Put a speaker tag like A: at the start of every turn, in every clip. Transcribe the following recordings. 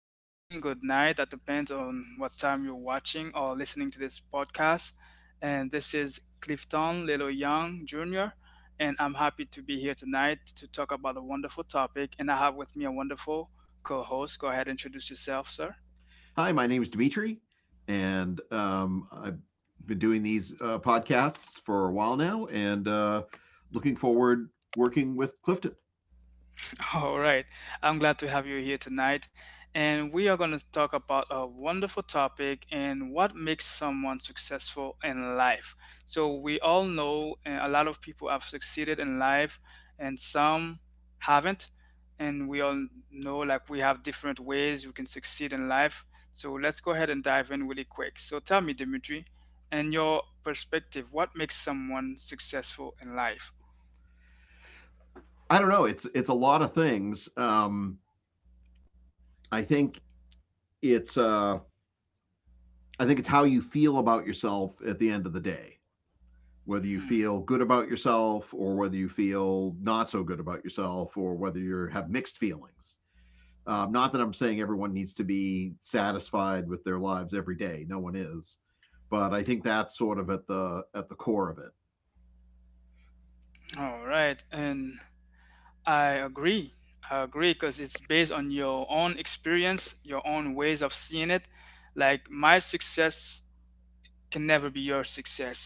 A: good evening, good night. That depends on what time you're watching or listening to this podcast. And this is Clifton Lelo Young Jr. And I'm happy to be here tonight to talk about a wonderful topic. And I have with me a wonderful co host. Go ahead and introduce yourself, sir.
B: Hi, my name is Dimitri, and I've been doing these podcasts for a while now, and looking forward working with Clifton.
A: All right. I'm glad to have you here tonight. And we are going to talk about a wonderful topic and what makes someone successful in life. So, we all know a lot of people have succeeded in life and some haven't. And we all know, like, we have different ways we can succeed in life. So let's go ahead and dive in really quick. So tell me, Dimitri, and your perspective, what makes someone successful in life?
B: I don't know; it's a lot of things. I think it's uh, I think it's how you feel about yourself at the end of the day, whether you
A: Hmm.
B: feel good about yourself or whether you feel not so good about yourself, or whether you have mixed feelings. Not that I'm saying everyone needs to be satisfied with their lives every day. No one is, but I think that's sort of at the core of it.
A: All right. And I agree. I agree, because it's based on your own experience, your own ways of seeing it. Like, my success can never be your success.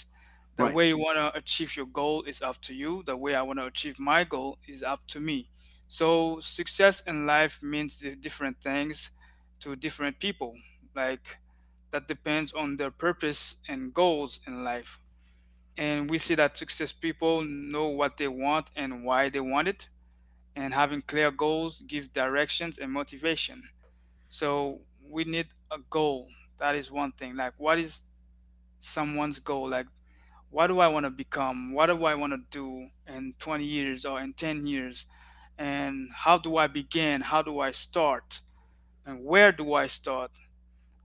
A: The
B: Right.
A: way you want to achieve your goal is up to you. The way I want to achieve my goal is up to me. So success in life means different things to different people. Like, that depends on their purpose and goals in life. And we see that success people know what they want and why they want it, and having clear goals give directions and motivation. So we need a goal. That is one thing, like, what is someone's goal, like, what do I want to become, what do I want to do in 20 years or in 10 years, and how do I begin, how do I start, and where do I start,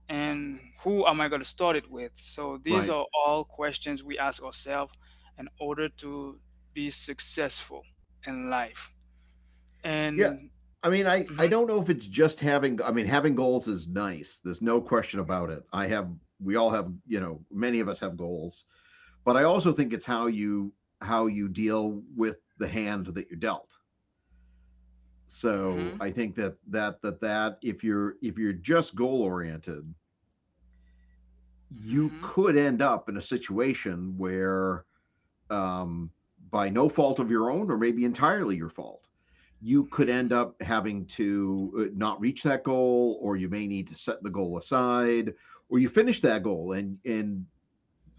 A: and who am I going to start it with? So these
B: Right.
A: are all questions we ask ourselves in order to be successful in life.
B: Yeah.
A: And
B: I mean, I
A: Mhm,
B: I don't know if it's just having. I mean, having goals is nice. There's no question about it. I have. We all have. You know, many of us have goals, but I also think it's how you deal with the hand that you're dealt.
A: mhm.
B: So I think that if you're just goal oriented, you
A: Mhm,
B: could end up in a situation where, um, by no fault of your own, or maybe entirely your fault, you could
A: mhm,
B: end up having to not reach that goal, or you may need to set the goal aside, or you finish that goal and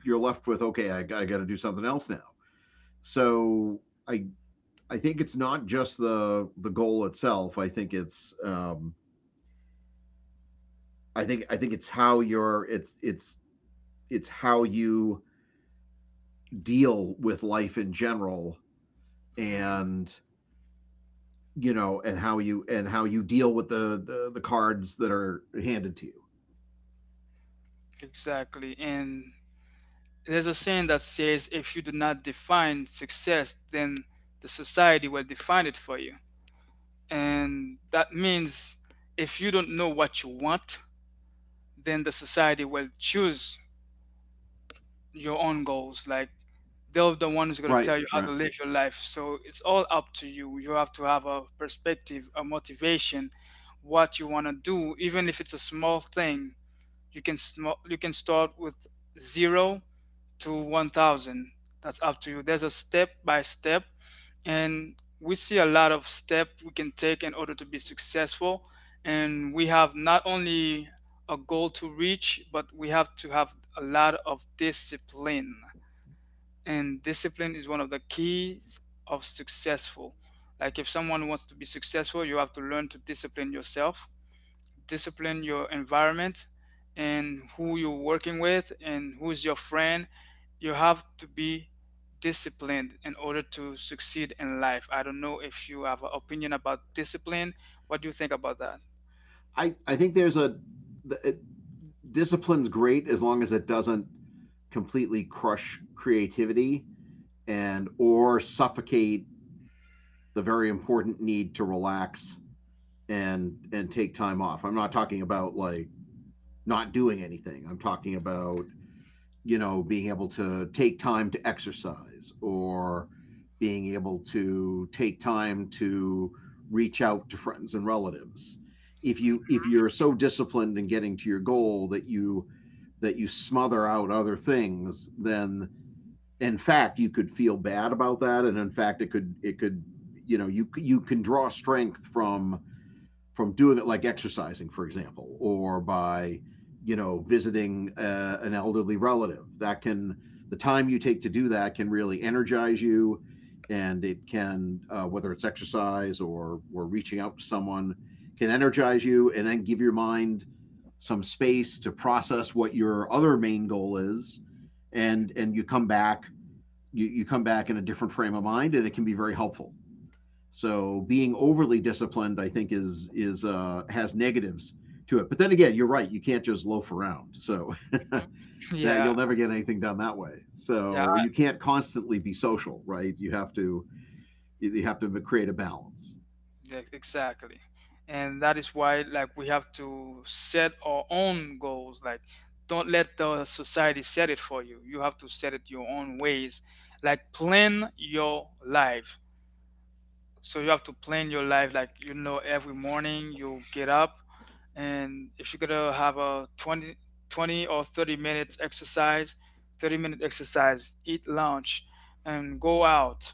B: you're left with okay, I got to do something else now. So I I think it's not just the goal itself. I think it's I think it's how you're it's how you deal with life in general
A: mhm.
B: and and how you deal with the cards that are handed to you.
A: Exactly. And there's a saying that says if you do not define success, then the society will define it for you. And that means if you don't know what you want, then the society will choose your own goals. Like, they're the one who's going to tell
B: Right,
A: you how to
B: right.
A: live your life. So it's all up to you. You have to have a perspective, a motivation, what you want to do, even if it's a small thing. You can you can start with 0 to 1,000. That's up to you. There's a step by step, and we see a lot of step we can take in order to be successful. And we have not only a goal to reach, but we have to have a lot of discipline. And discipline is one of the keys of successful. Like, if someone wants to be successful, you have to learn to discipline yourself, discipline your environment and who you're working with and who's your friend. You have to be disciplined in order to succeed in life. I don't know if you have an opinion about discipline. What do you think about that?
B: I think there's the, it, discipline's great as long as it doesn't completely crush creativity and or suffocate the very important need to relax and take time off. I'm not talking about like not doing anything. I'm talking about you know, being able to take time to exercise or being able to take time to reach out to friends and relatives. If you if you're so disciplined in getting to your goal that you smother out other things, then in fact you could feel bad about that, and in fact it could you know you you can draw strength from doing it like exercising, for example, or by you know visiting an elderly relative. That can the time you take to do that can really energize you, and it can whether it's exercise or reaching out to someone can energize you and then give your mind some space to process what your other main goal is, and you come back. You come back in a different frame of mind and it can be very helpful. So being overly disciplined, I think, is has negatives to it. But then again, you're right. You can't just loaf around. So
A: Mhm.
B: that you'll
A: Yeah,
B: never get anything done that way.
A: yeah,
B: So you can't constantly be social, right? You have to create a balance,
A: yeah, exactly. And that is why, like, we have to set our own goals. Like, don't let the society set it for you. You have to set it your own ways. Like, plan your life. So you have to plan your life, like, you know, every morning you get up, and if you're gonna have a 20 or 30 minutes exercise, 30-minute exercise, eat lunch and go out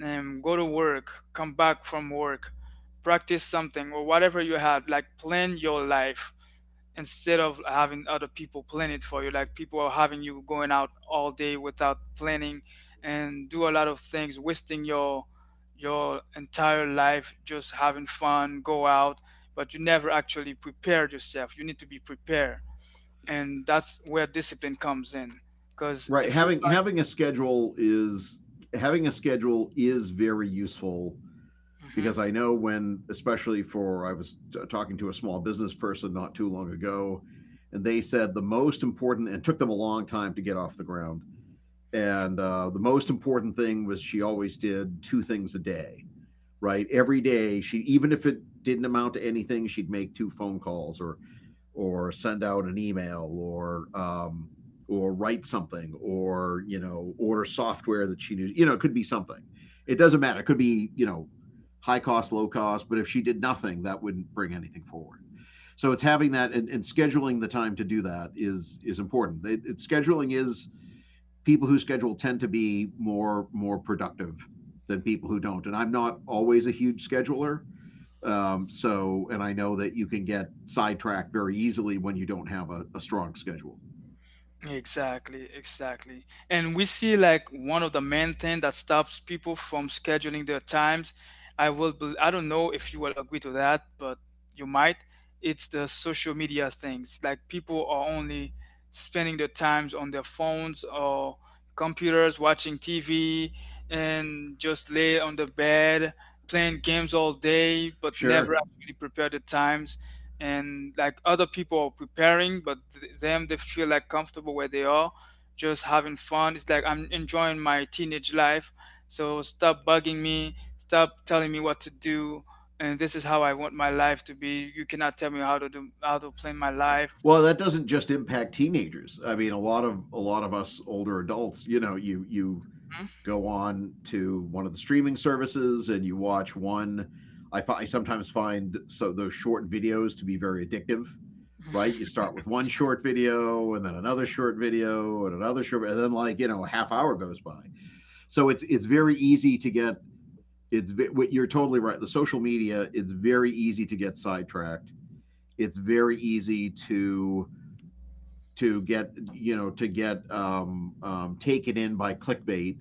A: and go to work, come back from work, practice something or whatever you have. Like, plan your life instead of having other people plan it for you. Like, people are having you going out all day without planning and do a lot of things, wasting your entire life just having fun, go out, but you never actually prepared yourself. You need to be prepared, and that's where discipline comes in. Because
B: right?
A: if you
B: Having
A: try.
B: having a schedule is having a schedule is very useful because
A: Mhm.
B: I know when, especially for I was talking to a small business person not too long ago, and they said the most important and took them a long time to get off the ground. And the most important thing was she always did two things a day, right? Every day, she even if it didn't amount to anything, she'd make two phone calls or send out an email or write something or you know order software that she knew. You know, it could be something. It doesn't matter. It could be you know high cost, low cost. But if she did nothing, that wouldn't bring anything forward. So it's having that and scheduling the time to do that is important. Scheduling is people who schedule tend to be more productive than people who don't. And I'm not always a huge scheduler. So, and I know that you can get sidetracked very easily when you don't have a strong schedule.
A: Exactly, exactly. And we see, like, one of the main thing that stops people from scheduling their times. I will I don't know if you will agree to that, but you might. It's the social media things. Like, people are only spending their times on their phones or computers, watching TV and just lay on the bed playing games all day, but never
B: Sure.
A: actually prepare the times. And like other people are preparing, but them, they feel like comfortable where they are, just having fun. It's like, I'm enjoying my teenage life, so stop bugging me, stop telling me what to do, and this is how I want my life to be. You cannot tell me how to do, how to plan my
B: Right.
A: life.
B: Well, that doesn't just impact teenagers. I mean, a lot of us older adults, you know, you
A: Mhm.
B: go on to one of the streaming services and you watch one. I sometimes find so those short videos to be very addictive, right? You start with one short video and then another short video and another short, and then like you know a half hour goes by. So it's very easy to get it's you're totally right. The social media it's very easy to get sidetracked. It's very easy to get you know to get taken in by clickbait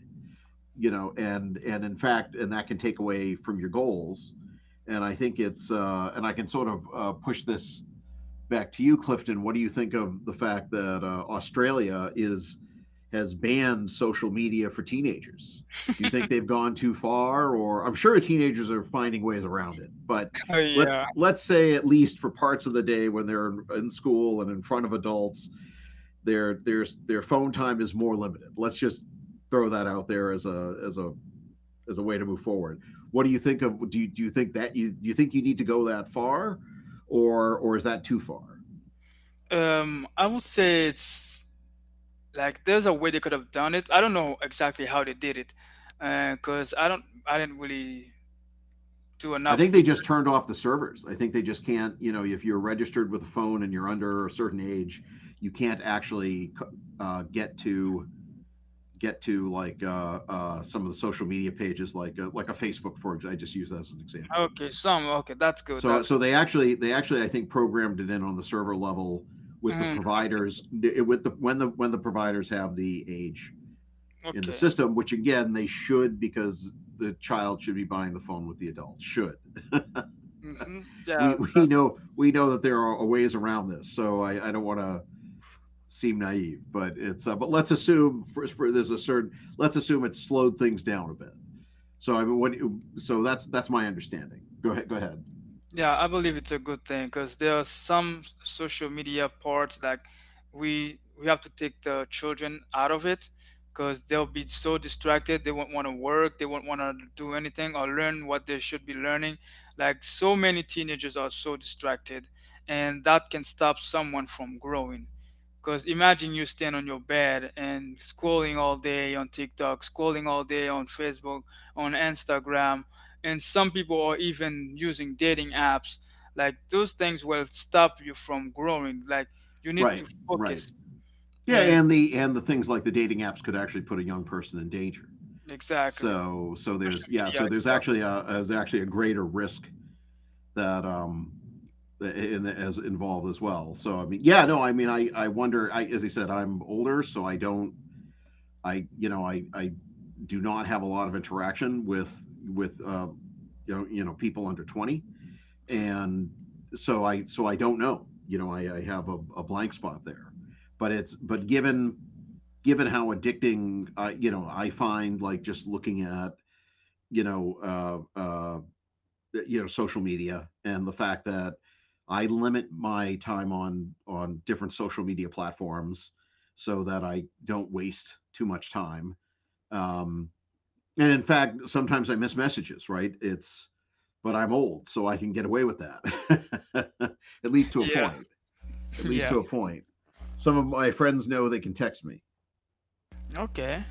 B: you know, and in fact, and that can take away from your goals. And I think it's and I can sort of push this back to you, Clifton. What do you think of the fact that Australia is has banned social media for teenagers? Do you think they've gone too far, or I'm sure teenagers are finding ways around it, but
A: Oh,
B: let
A: yeah.
B: let's say at least for parts of the day when they're in school and in front of adults, their phone time is more limited. Let's just throw that out there as a as a way to move forward. What do you think of? Do you think that you do you think you need to go that far, or is that too far?
A: I would say it's, like, there's a way they could have done it. I don't know exactly how they did it, because I don't, I didn't really do
B: I think
A: enough
B: they
A: with.
B: just turned off the servers. I think they just can't. You know, if you're registered with a phone and you're under a certain age, you can't actually uh, get to get to like some of the social media pages, like a Facebook, for example. I just use that as an example.
A: Okay, some, okay, that's good,
B: So
A: that's
B: so they actually I think programmed it in on the server level with the
A: good.
B: providers with the when the providers have the age in the
A: Okay.
B: system, which again they should because the child should be buying the phone with the adult. Should
A: Mm-hmm.
B: we
A: Yeah,
B: we know that there are ways around this, so I don't want to seem naive, but it's but let's assume for there's a certain let's assume it slowed things down a bit. So I mean, what so that's my understanding. Go ahead, go ahead.
A: yeah, I believe it's a good thing, because there are some social media parts like, we have to take the children out of it because they'll be so distracted. They won't want to work. They won't want to do anything or learn what they should be learning. Like, so many teenagers are so distracted, and that can stop someone from growing. Because imagine you stand on your bed and scrolling all day on TikTok, scrolling all day on Facebook, on Instagram, and some people are even using dating apps. Like, those things will stop you from growing. Like, you need to
B: Right, right.
A: focus.
B: Yeah,
A: And
B: and the things like the dating apps could actually put a young person in danger.
A: exactly,
B: So so
A: social
B: there's yeah
A: media
B: so there's
A: itself.
B: actually a greater risk that in the, as involved as well. So I mean, yeah, no, I mean, I wonder. I, as I said, I'm older, so I don't. I you know I do not have a lot of interaction with you know people under 20,
A: Mhm.
B: and so I don't know. You know, I have a blank spot there, but it's but given given how addicting you know I find like just looking at you know uh, uh, you know social media and the fact that I limit my time on different social media platforms so that I don't waste too much time. Um, and in fact, sometimes I miss messages. Right? It's but I'm old, so I can get away with that. at least to a
A: Yeah,
B: point. At least
A: yeah.
B: to a point. Some of my friends know they can text me.
A: Okay.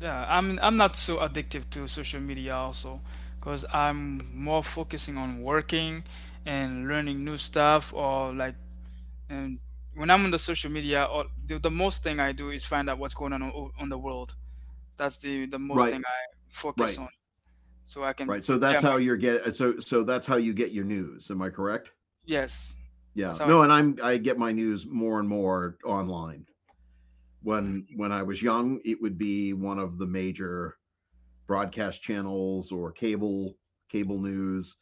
A: Yeah, I'm not so addictive to social media also, because I'm more focusing on working and learning new stuff or like. And when I'm on the social media, all the most thing I do is find out what's going on on the world. That's the most thing
B: Right.
A: I focus
B: Right.
A: on, so I can
B: Right. So
A: prepare
B: that's how
A: my.
B: you're get. So so that's how you get your news. Am I correct?
A: Yes, that's
B: Yeah.
A: how I.
B: No, and I get my news more and more online. When I was young, it would be one of the major broadcast channels or cable news,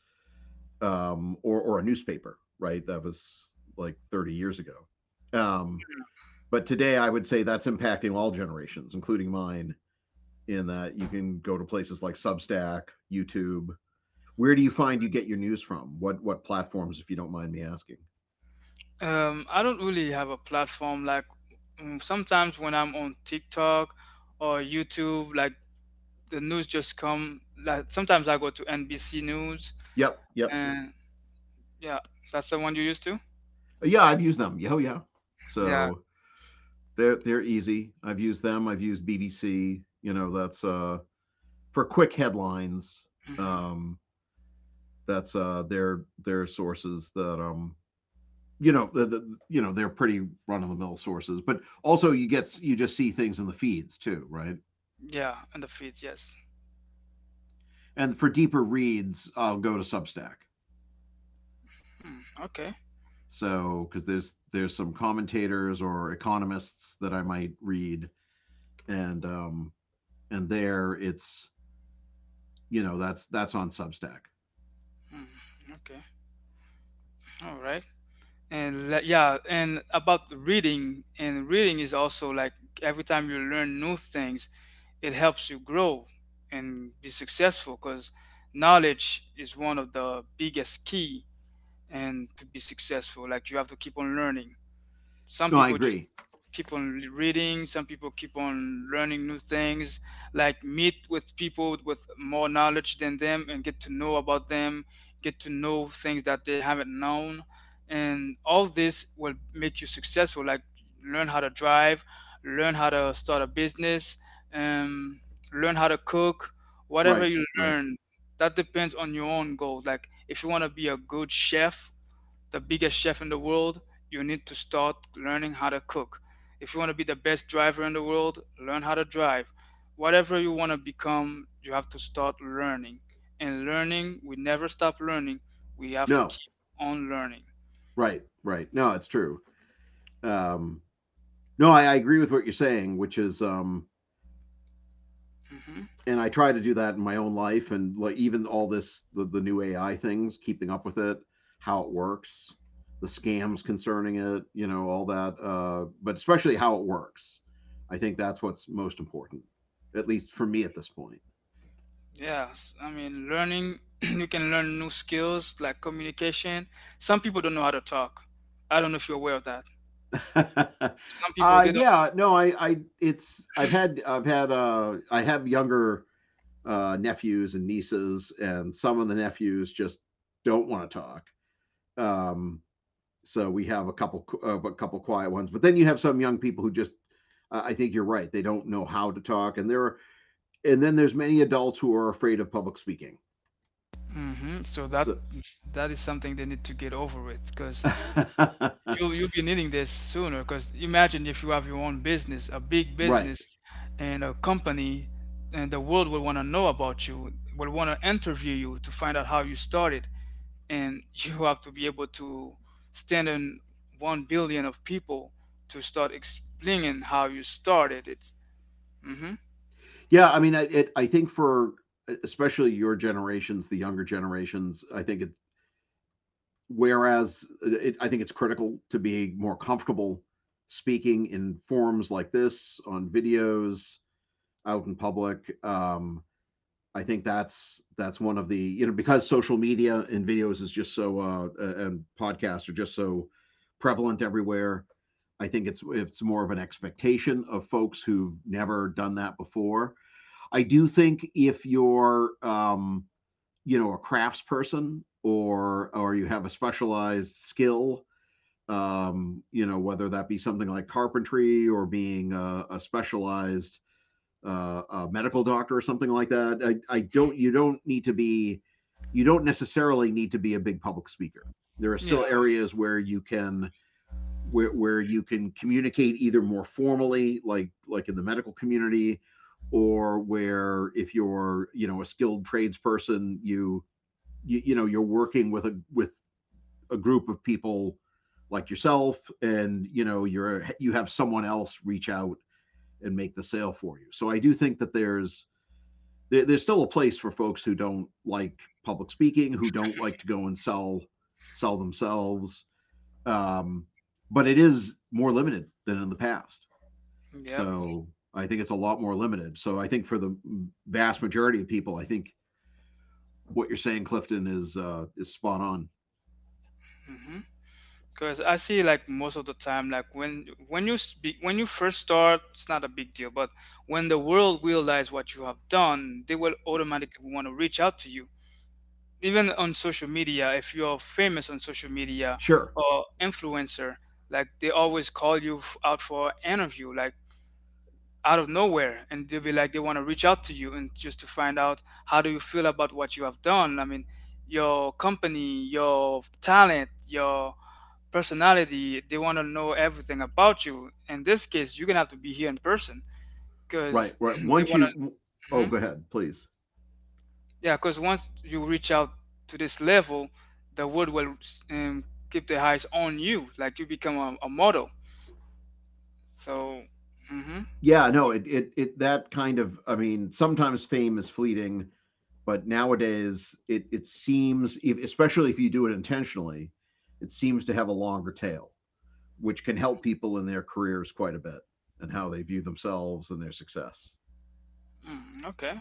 B: or a newspaper, right? That was like 30 years ago. Um, but today I would say that's impacting all generations, including mine, in that you can go to places like Substack, YouTube. Where do you find you get your news from? What platforms if you don't mind me asking?
A: Can, I don't really have a platform, like, mm, sometimes when I'm on TikTok or YouTube, like, the news just come. Like, sometimes I go to NBC News,
B: Yep, yep.
A: and yeah, that's the one you used to.
B: Yeah, I've used them. Yeah, oh, yeah.
A: Yeah.
B: So they're easy. I've used them. I've used BBC. You know, that's for quick headlines.
A: Hmm.
B: Um, that's their sources that you know, you know, they're pretty run of the mill sources. But also, you get you just see things in the feeds too, right?
A: Yeah, and the feeds, yes.
B: And for deeper reads, I'll go to Substack.
A: Hmm, okay.
B: So because there's some commentators or economists that I might read, and um, and there it's, you know, that's on substack.
A: Hmm, okay, all right. And yeah, and about the reading. And reading is also, like, every time you learn new things, it helps you grow and be successful, because knowledge is one of the biggest key, and to be successful, like, you have to keep on learning. Some
B: No, I
A: people just
B: agree.
A: keep on reading, some people keep on learning new things, like meet with people with more knowledge than them and get to know about them, get to know things that they haven't known. And all this will make you successful, like, learn how to drive, learn how to start a business, um, learn how to cook, whatever
B: Right,
A: you
B: right.
A: learn, that depends on your own goals. Like, if you want to be a good chef, the biggest chef in the world, you need to start learning how to cook. If you want to be the best driver in the world, learn how to drive. Whatever you want to become, you have to start learning. And learning, we never stop learning. We have to
B: No,
A: keep on learning.
B: right, right. No, it's true. um no I, I agree with what you're saying, which is
A: Hmm.
B: and I try to do that in my own life, and like even all this, the new AI things, keeping up with it, how it works, the scams concerning it, you know, all that, but especially how it works. I think that's what's most important, at least for me at this point.
A: Yes, I mean, learning, you can learn new skills like communication. Some people don't know how to talk. I don't know if you're aware of that. Some people, they don't.
B: Yeah, no, I've had, I have younger nephews and nieces, and some of the nephews just don't want to talk. um so we have a couple, a couple quiet ones, but then you have some young people who just, I think you're right, they don't know how to talk. And there are, and then there's many adults who are afraid of public speaking.
A: Hmm. So that,
B: So.
A: that is something they need to get over with, because you'll be needing this sooner. Because imagine if you have your own business, a big
B: Right.
A: business, and a company, and the world will want to know about you, will want to interview you to find out how you started, and you have to be able to stand in 1 billion of people to start explaining how you started it. Mm-hmm.
B: Yeah, I mean, I think for, especially your generations, the younger generations, I think it, I think it's critical to be more comfortable speaking in forums like this, on videos, out in public. I think that's one of the, you know, because social media and videos is just so and podcasts are just so prevalent everywhere. I think it's more of an expectation of folks who've never done that before. I do think if you're you know, a crafts person, or you have a specialized skill, you know, whether that be something like carpentry, or being a specialized, a medical doctor or something like that. I don't, you don't need to be, you don't necessarily need to be a big public speaker. There are
A: Yeah.
B: still areas where you can communicate either more formally, like in the medical community, or where if you're, you know, a skilled tradesperson, you, you know, you're working with a group of people like yourself, and you know, you're, you have someone else reach out and make the sale for you. So I do think that there's still a place for folks who don't like public speaking, who don't like to go and sell, sell themselves. um, but it is more limited than in the past.
A: Yep.
B: So I think it's a lot more limited. So I think for the vast majority of people, I think what you're saying, Clifton, is spot on.
A: Hmm. Because I see, like, most of the time, like, when you speak, when you first start, it's not a big deal. But when the world realize what you have done, they will automatically want to reach out to you. Even on social media, if you're famous on social media
B: Sure.
A: or influencer, like they always call you out for an interview, like out of nowhere, and they'll be like, they want to reach out to you and just to find out how do you feel about what you have done. I mean, your company, your talent, your personality, they want to know everything about you. In this case, you're gonna have to be here in person,
B: Right,
A: because
B: right.
A: they
B: Once
A: want
B: you,
A: to.
B: oh,
A: Hmm.
B: go ahead, please.
A: Yeah, because once you reach out to this level, the world will, um, keep their eyes on you, like, you become a model. So, mm-hmm.
B: Yeah, no, that kind of, I mean, sometimes fame is fleeting, but nowadays it seems, especially if you do it intentionally, it seems to have a longer tail, which can help people in their careers quite a bit, and how they view themselves and their success.
A: Mm, okay.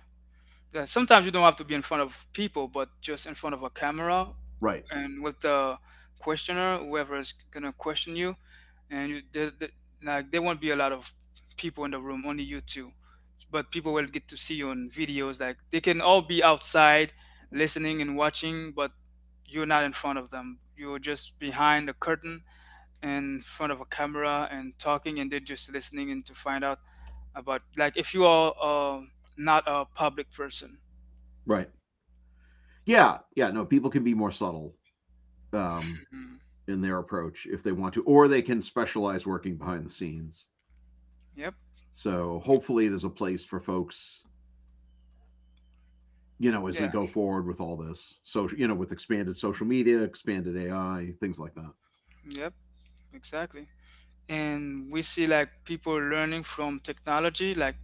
A: Sometimes you don't have to be in front of people, but just in front of a camera
B: Right,
A: and with the questioner, whoever's gonna question you, and like there won't be a lot of people in the room, only you two. But people will get to see you on videos. Like they can all be outside, listening and watching, but you're not in front of them. You're just behind the curtain in front of a camera and talking, and they're just listening and to find out about like if you are not a public person.
B: right. Yeah, yeah, no, people can be more subtle, um,
A: Mm.
B: in their approach if they want to, or they can specialize working behind the scenes.
A: Yep.
B: So hopefully there's a place for folks, you know, as
A: Yeah.
B: we go forward with all this, so you know, with expanded social media, expanded AI, things like that.
A: Yep. Exactly. And we see like people learning from technology, like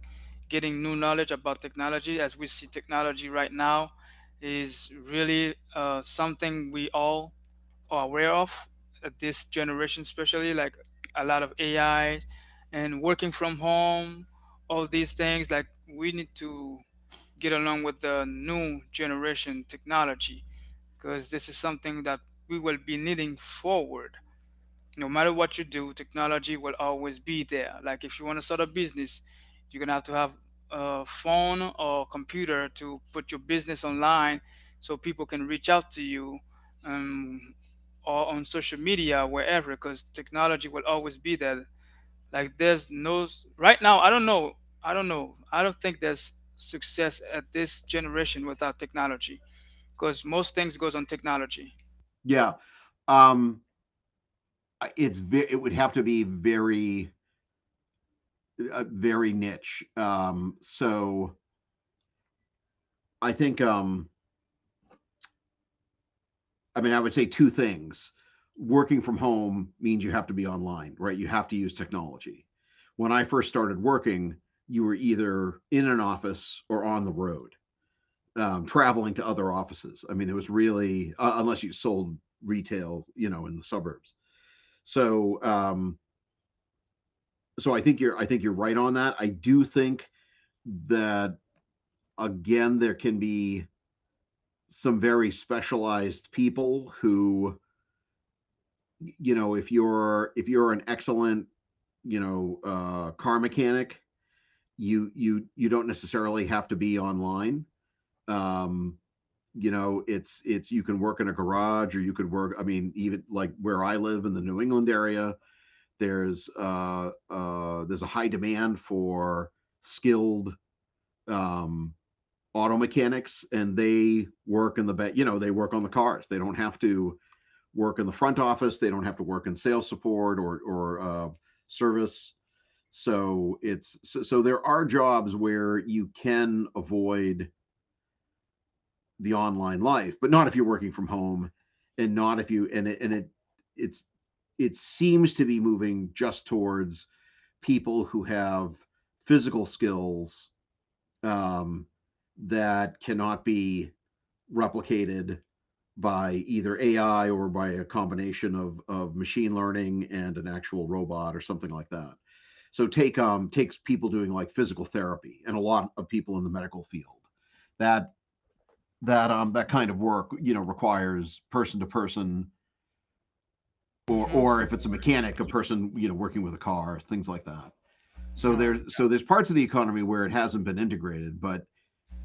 A: getting new knowledge about technology. As we see technology right now is really something we all are aware of. This generation, especially, like a lot of AI and working from home, all these things. Like we need to get along with the new generation technology, because this is something that we will be needing forward. No matter what you do, technology will always be there. Like if you want to start a business, you're gonna have to have a phone or computer to put your business online, so people can reach out to you, um, or on social media wherever, because technology will always be there. Like there's no s- Right now, I don't know. I don't think there's success at this generation without technology, because most things goes on technology.
B: Yeah, um, it's, it would have to be very, very niche. So I think, I mean, I would say two things. Working from home means you have to be online, right? You have to use technology. When I first started working, you were either in an office or on the road, traveling to other offices. I mean, there was really, unless you sold retail, you know, in the suburbs. So I think you're, I think you're right on that. I do think that, again, there can be some very specialized people who, you know, if you're an excellent, you know, car mechanic, you you don't necessarily have to be online, um, you know, it's you can work in a garage, or you could work, I mean, even like where I live in the New England area, there's a high demand for skilled, um auto mechanics, and they work in the you know, they work on the cars, they don't have to work in the front office, they don't have to work in sales support, or service. So so there are jobs where you can avoid the online life, but not if you're working from home, and not if you, and it it's it seems to be moving just towards people who have physical skills, um, that cannot be replicated by either AI, or by a combination of machine learning and an actual robot or something like that. So take takes people doing like physical therapy, and a lot of people in the medical field. That that kind of work, you know, requires person to person, or
A: Hmm.
B: if it's a mechanic, a person, you know, working with a car, things like that. So there's, so there's parts of the economy where it hasn't been integrated, but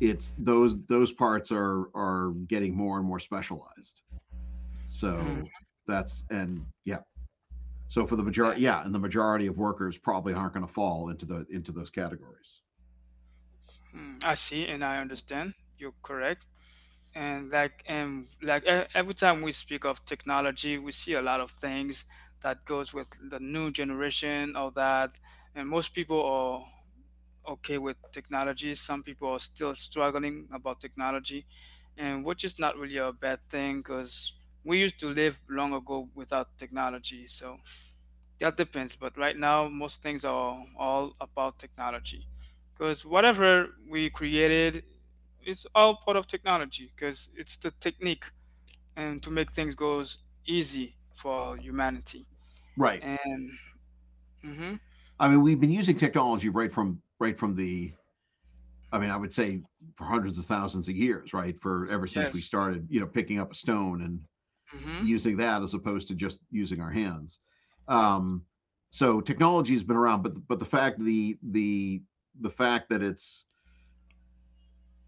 B: it's those, those parts are getting more and more specialized.
A: Oh.
B: So that's, and yeah, so for the majority, yeah, and the majority of workers probably aren't going to fall into the, into those categories.
A: Mm, I see and I understand. You're correct. Every time we speak of technology, we see a lot of things that goes with the new generation, all that. And most people are okay with technology. Some people are still struggling about technology, and which is not really a bad thing because we used to live long ago without technology. So that depends, but right now most things are all about technology, because whatever we created, it's all part of technology, because it's the technique and to make things goes easy for humanity.
B: Right.
A: And hmm.
B: I mean, we've been using technology right from, right from the, I mean, I would say for hundreds of thousands of years, right? For ever since we
A: Yes.
B: started, you know, picking up a stone and
A: Hmm.
B: using that as opposed to just using our hands.
A: Yep.
B: Um, so technology has been around, but the fact, the fact that it's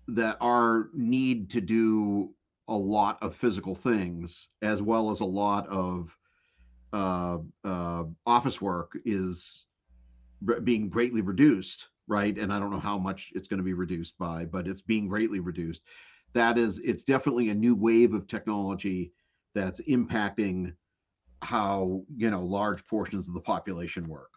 B: that our need to do a lot of physical things, as well as a lot of uh, office work, is being greatly reduced, right? And I don't know how much it's going to be reduced by, but it's being greatly reduced. That is, it's definitely a new wave of technology that's impacting how, you know, large portions of the population work,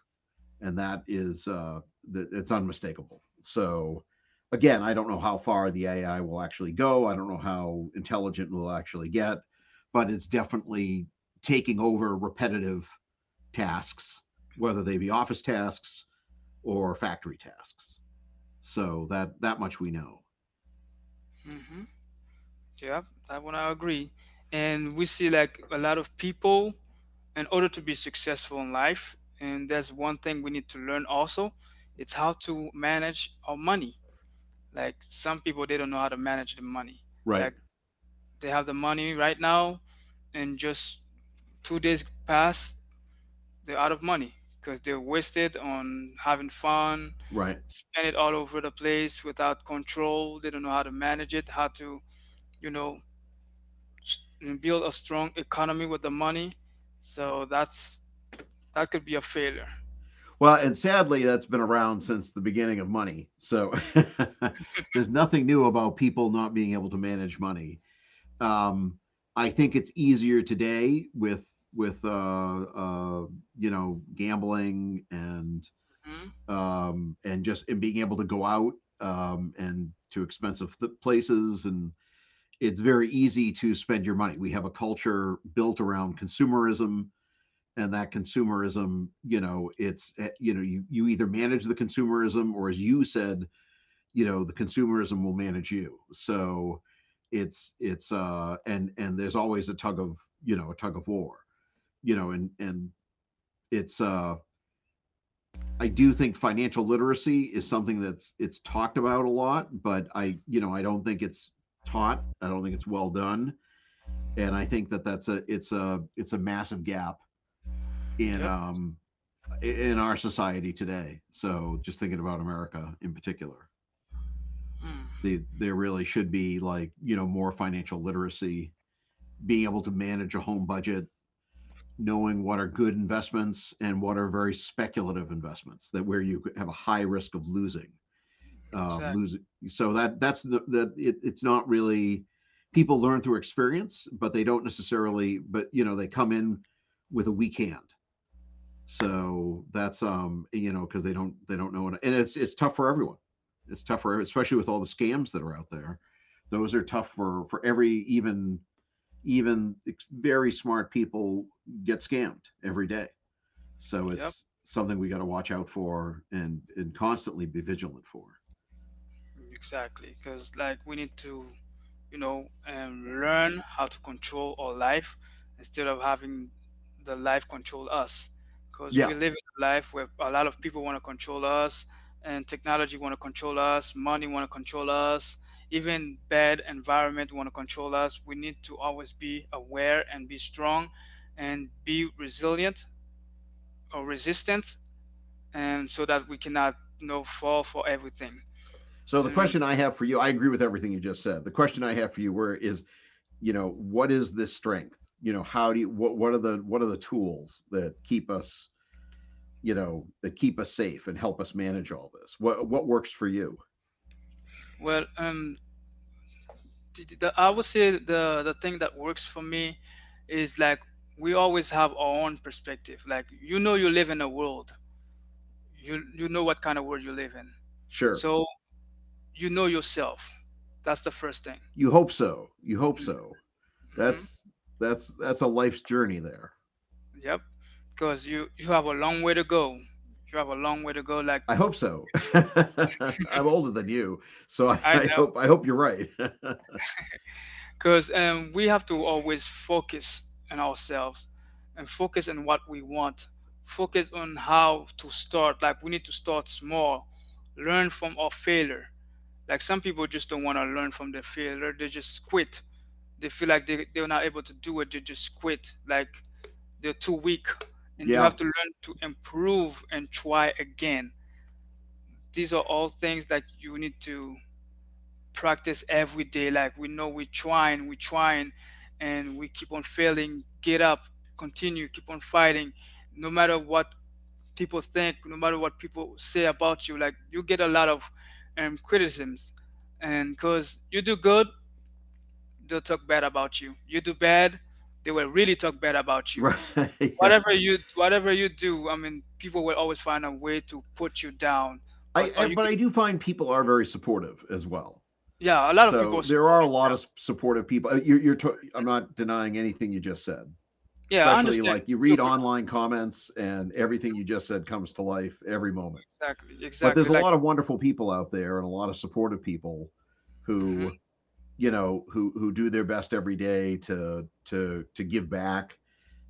B: and that is, that, it's unmistakable. So again, I don't know how far the AI will actually go, I don't know how intelligent we'll actually get, but it's definitely taking over repetitive tasks, whether they be office tasks or factory tasks. So that, that much we know.
A: Hmm, yep, that one I agree. And we see like a lot of people, in order to be successful in life, and that's one thing we need to learn also, it's how to manage our money. Like some people they don't know how to manage the money.
B: Right.
A: Like they have the money right now, and just two days pass, they're out of money, because they wasted on having fun,
B: Right.
A: spend it all over the place without control. They don't know how to manage it, how to, you know, s- build a strong economy with the money. So that's, that could be a failure.
B: Well, and sadly, that's been around since the beginning of money. So there's nothing new about people not being able to manage money. Um, I think it's easier today with you know, gambling
A: Hmm.
B: and just, and being able to go out, and to expensive places, and it's very easy to spend your money. We have a culture built around consumerism, and that consumerism, you know, it's you know, you either manage the consumerism, or as you said, you know, the consumerism will manage you. So it's and there's always a tug of, you know, a tug of war, you know, and it's I do think financial literacy is something that's, it's talked about a lot, but I, you know, I don't think it's taught. I don't think it's well done, and I think that that's a it's a it's a massive gap in
A: Yep.
B: um in our society today. So just thinking about America in particular,
A: Mm,
B: there really should be, like, you know, more financial literacy, being able to manage a home budget, knowing what are good investments and what are very speculative investments, that, where you have a high risk of losing.
A: exactly.
B: Losing. So that that's the, that it, it's not really, people learn through experience, but they don't necessarily, but you know, they come in with a weak hand. So that's, you know, because they don't know it. And it's tough for everyone. It's tough for, especially with all the scams that are out there. Those are tough for every, even even very smart people get scammed every day. So
A: Yep,
B: it's something we got to watch out for, and constantly be vigilant for.
A: exactly, because like we need to, you know, learn how to control our life instead of having the life control us. Because
B: Yeah.
A: we live in a life where a lot of people want to control us, and technology want to control us, money want to control us, even bad environment want to control us. We need to always be aware and be strong, and be resilient or resistant, and so that we cannot, you know, fall for everything.
B: So the
A: Um,
B: question I have for you, I agree with everything you just said. The question I have for you where is, you know, what is this strength? You know, how do you, what are the tools that keep us, you know, that keep us safe and help us manage all this, what works for you?
A: well, I would say the thing that works for me is like we always have our own perspective. Like you know you live in a world. You know what kind of world you live in.
B: Sure.
A: So you know yourself. That's the first thing.
B: You hope so, you hope
A: Mm.
B: so.
A: Mm-hmm.
B: That's that's that's a life's journey there.
A: Yep. Because you have a long way to go. You have a long way to go. Like
B: I hope so. I'm older than you. So
A: I
B: I
A: know.
B: hope, I hope you're right.
A: Because we have to always focus on ourselves and focus on what we want. Focus on how to start. Like we need to start small, learn from our failure. Like some people just don't want to learn from their failure. They just quit. They feel like they're not able to do it. They just quit. Like they're too weak. And you
B: Yeah.
A: have to learn to improve and try again. These are all things that you need to practice every day. Like we know we're trying, and we keep on failing. Get up, continue, keep on fighting, no matter what people think, no matter what people say about you. Like you get a lot of criticisms, and because you do good, they'll talk bad about you. You do bad, they will really talk bad about you.
B: Right. Yeah.
A: Whatever you do, I mean, people will always find a way to put you down. But are you good?
B: I do find people are very supportive as well.
A: Yeah, a lot of people
B: So
A: are
B: there are a
A: supportive.
B: lot of supportive people. You're, I'm not denying anything you just said,
A: Yeah, I
B: especially
A: understand.
B: like you
A: You.
B: read online comments and everything you just said comes to life every moment.
A: Exactly,
B: But there's
A: exactly.
B: a
A: Like,
B: lot of wonderful people out there and a lot of supportive people
A: hmm,
B: who, you know, who do their best every day to give back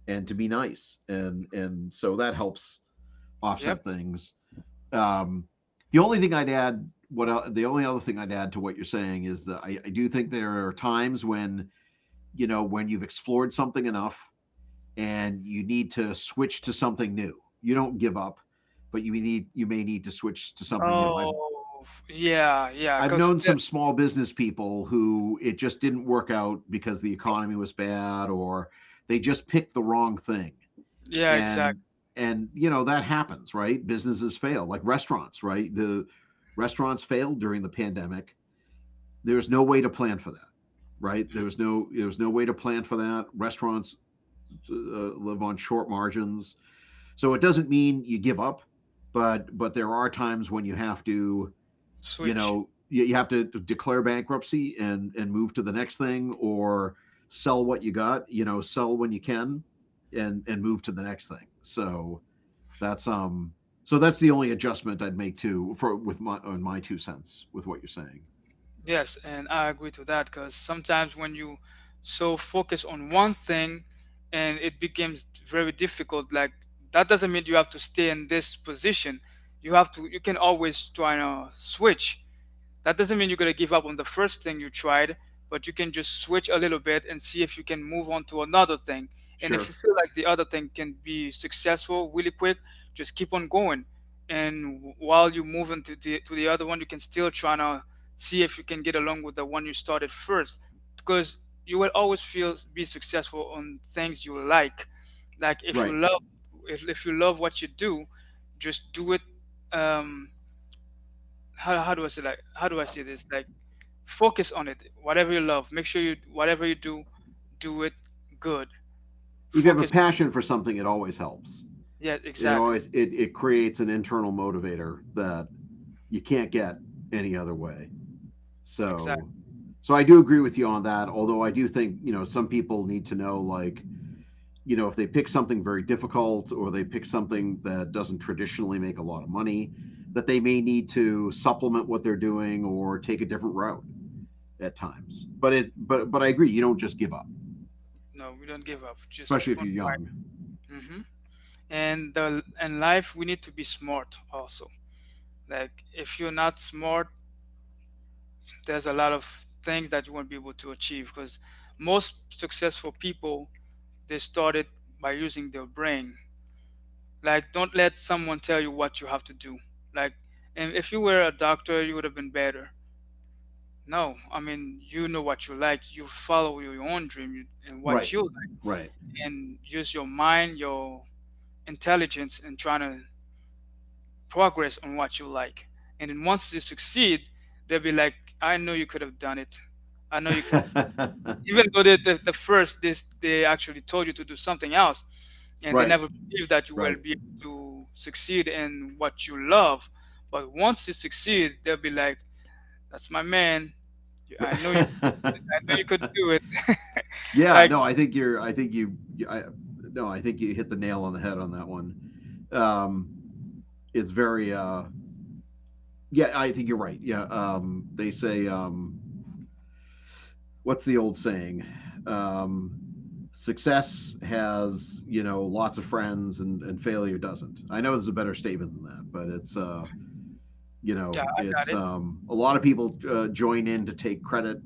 B: and to be nice. And so that helps
A: yep.
B: offset things. Um the only thing I'd add what the only other thing I'd add to what you're saying is that I do think there are times when, you know, when you've explored something enough and you need to switch to something new. You don't give up, but you may need to switch to something new. I've
A: Oh, yeah, yeah.
B: I've known some small business people who it just didn't work out because the economy was bad or they just picked the wrong thing.
A: Yeah,
B: And
A: exactly.
B: and you know that happens, right? Businesses fail, like restaurants, right? The restaurants failed during the pandemic. There's no way to plan for that, right?
A: Mm.
B: There was no way to plan for that. Restaurants live on short margins. So it doesn't mean you give up, but there are times when you have to, you
A: Switch.
B: know, you have to declare bankruptcy and move to the next thing or sell what you got, you know, sell when you can and move to the next thing. That's um so that's the only adjustment I'd make to for with my on my 2 cents with what you're saying.
A: Yes, and I agree to that. Cause sometimes when you so focus on one thing, and it becomes very difficult. Like that doesn't mean you have to stay in this position. You have to. You can always try to switch. That doesn't mean you're going to give up on the first thing you tried, but you can just switch a little bit and see if you can move on to another thing. And if
B: Sure.
A: you feel like the other thing can be successful really quick, just keep on going. And while you move into to the other one, you can still try to see if you can get along with the one you started first. Because you will always feel be successful on things you like. Like if you
B: Right.
A: love if you love what you do, just do it. um how do I say like how do I say this? Like focus on it, whatever you love, make sure you, whatever you do, do it good,
B: If you have a
A: focus.
B: passion for something, it always helps.
A: Yeah,
B: It
A: exactly.
B: always it, it creates an internal motivator that you can't get any other way.
A: Exactly.
B: So, so I do agree with you on that. Although I do think, you know, some people need to know, like, you know, if they pick something very difficult or they pick something that doesn't traditionally make a lot of money, that they may need to supplement what they're doing or take a different route at times. But it but I agree. You don't just give up,
A: No, we don't give up, just
B: especially
A: keep
B: if
A: on
B: you're young.
A: fighting. Hmm. And the and life, we need to be smart also. Like if you're not smart, there's a lot of things that you won't be able to achieve, because most successful people, they started by using their brain. Like don't let someone tell you what you have to do. Like, and if you were a doctor you would have been better. No, I mean, you know what you like. You follow your own dream and what
B: Right.
A: you like,
B: Right.
A: and use your mind, your intelligence, and trying to progress on what you like. And then once you succeed, they'll be like, "I know you could have done it. I know you could do it." Even though they, the first they actually told you to do something else, and they
B: Right.
A: never believed that you
B: Right.
A: will
B: Right.
A: be able to succeed in what you love. But once you succeed, they'll be like, "That's my man. I know you. I know you could do it."
B: Yeah.
A: like,
B: No, I think you're. I think you. I, No, I think you hit the nail on the head on that one. Um, it's very yeah. I think you're right. Yeah. They say what's the old saying? Um, success has, you know, lots of friends and failure doesn't. I know there's a better statement than that, but it's you
A: yeah,
B: know
A: I got
B: it's
A: it.
B: a lot of people join in to take credit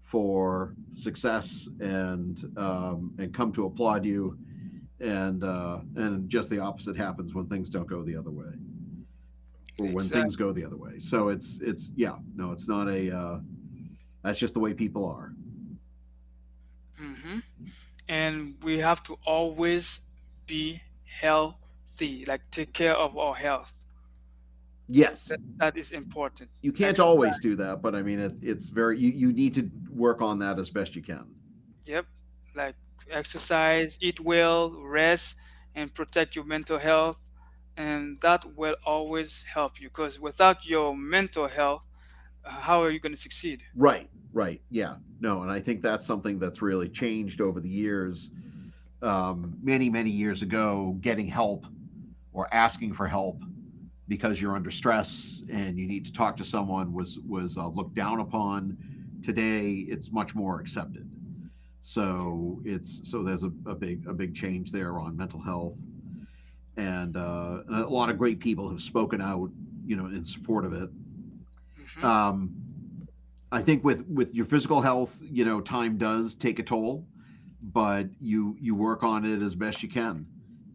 B: for success and come to applaud you and just the opposite happens when things don't go the other way. Or when things go
A: Exactly.
B: the other way. So it's yeah, no, it's not a that's just the way people are.
A: Hmm. And we have to always be healthy, like take care of our health.
B: Yes,
A: That, that is important.
B: you can't always
A: Exercise.
B: do that, but I mean it's very you you need to work on that as best you can.
A: Yep. Like exercise, eat well, rest, and protect your mental health. And that will always help you. Because without your mental health, how are you going to succeed?
B: Right, right, yeah, no, and I think that's something that's really changed over the years. Many many years ago, getting help or asking for help because you're under stress and you need to talk to someone was looked down upon. Today, it's much more accepted. So there's a big change there on mental health, and a lot of great people have spoken out, you know, in support of it.
A: Mm-hmm.
B: Um, I think with your physical health, you know, time does take a toll, but you work on it as best you can,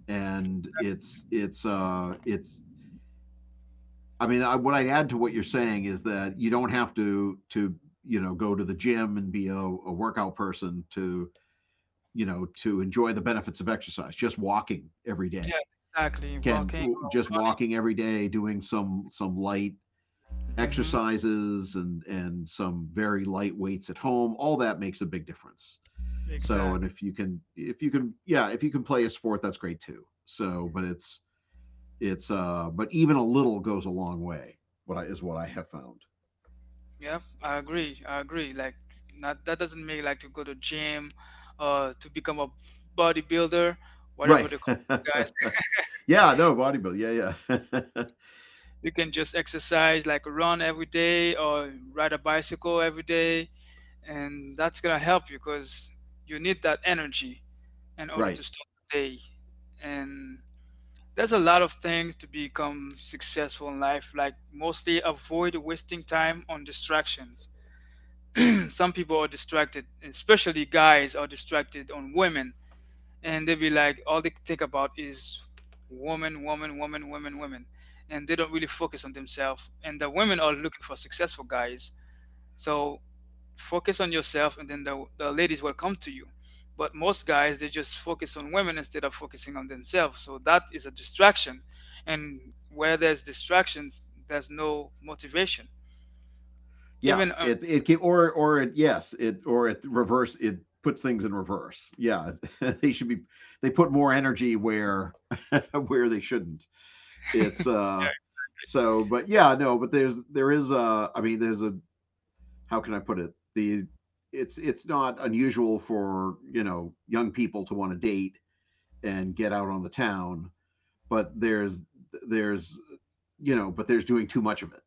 B: and it's I mean, what I'd add to what you're saying is that you don't have to you know go to the gym and be a workout person to, you know, to enjoy the benefits of exercise, just walking every
A: Yeah,
B: day.
A: exactly.
B: Can
A: Walking.
B: just walking every day, doing some light
A: Mm-hmm.
B: exercises and some very light weights at home, all that makes a big difference. So, and
A: Exactly.
B: if you can, yeah, if you can play a sport, that's great too. So, but it's but even a little goes a long way. What I is what I have found.
A: Yeah, I agree. I agree. Like not that doesn't make like to go to gym to become a bodybuilder, whatever
B: Right.
A: the
B: Yeah.
A: guys.
B: No bodybuilding. Yeah. Yeah.
A: You can just exercise like run every day or ride a bicycle every day, and that's gonna help you, because you need that energy in order to
B: Right.
A: start the day. And there's a lot of things to become successful in life, like mostly avoid wasting time on distractions. Some people are distracted, especially guys are distracted on women, and they be like, all they think about is woman, woman, woman, woman, woman, and they don't really focus on themselves. And the women are looking for successful guys, so focus on yourself, and then the ladies will come to you. But most guys, they just focus on women instead of focusing on themselves. So that is a distraction. And where there's distractions, there's no motivation.
B: Yeah,
A: Even,
B: it can, or it yes it or it reverse it puts things in reverse. Yeah, they should be they put more energy where where they shouldn't. It's so but yeah no but there is a, I mean, there's a how can I put it, the it's not unusual for, you know, young people to want to date and get out on the town, but there's you know but there's doing too much of it,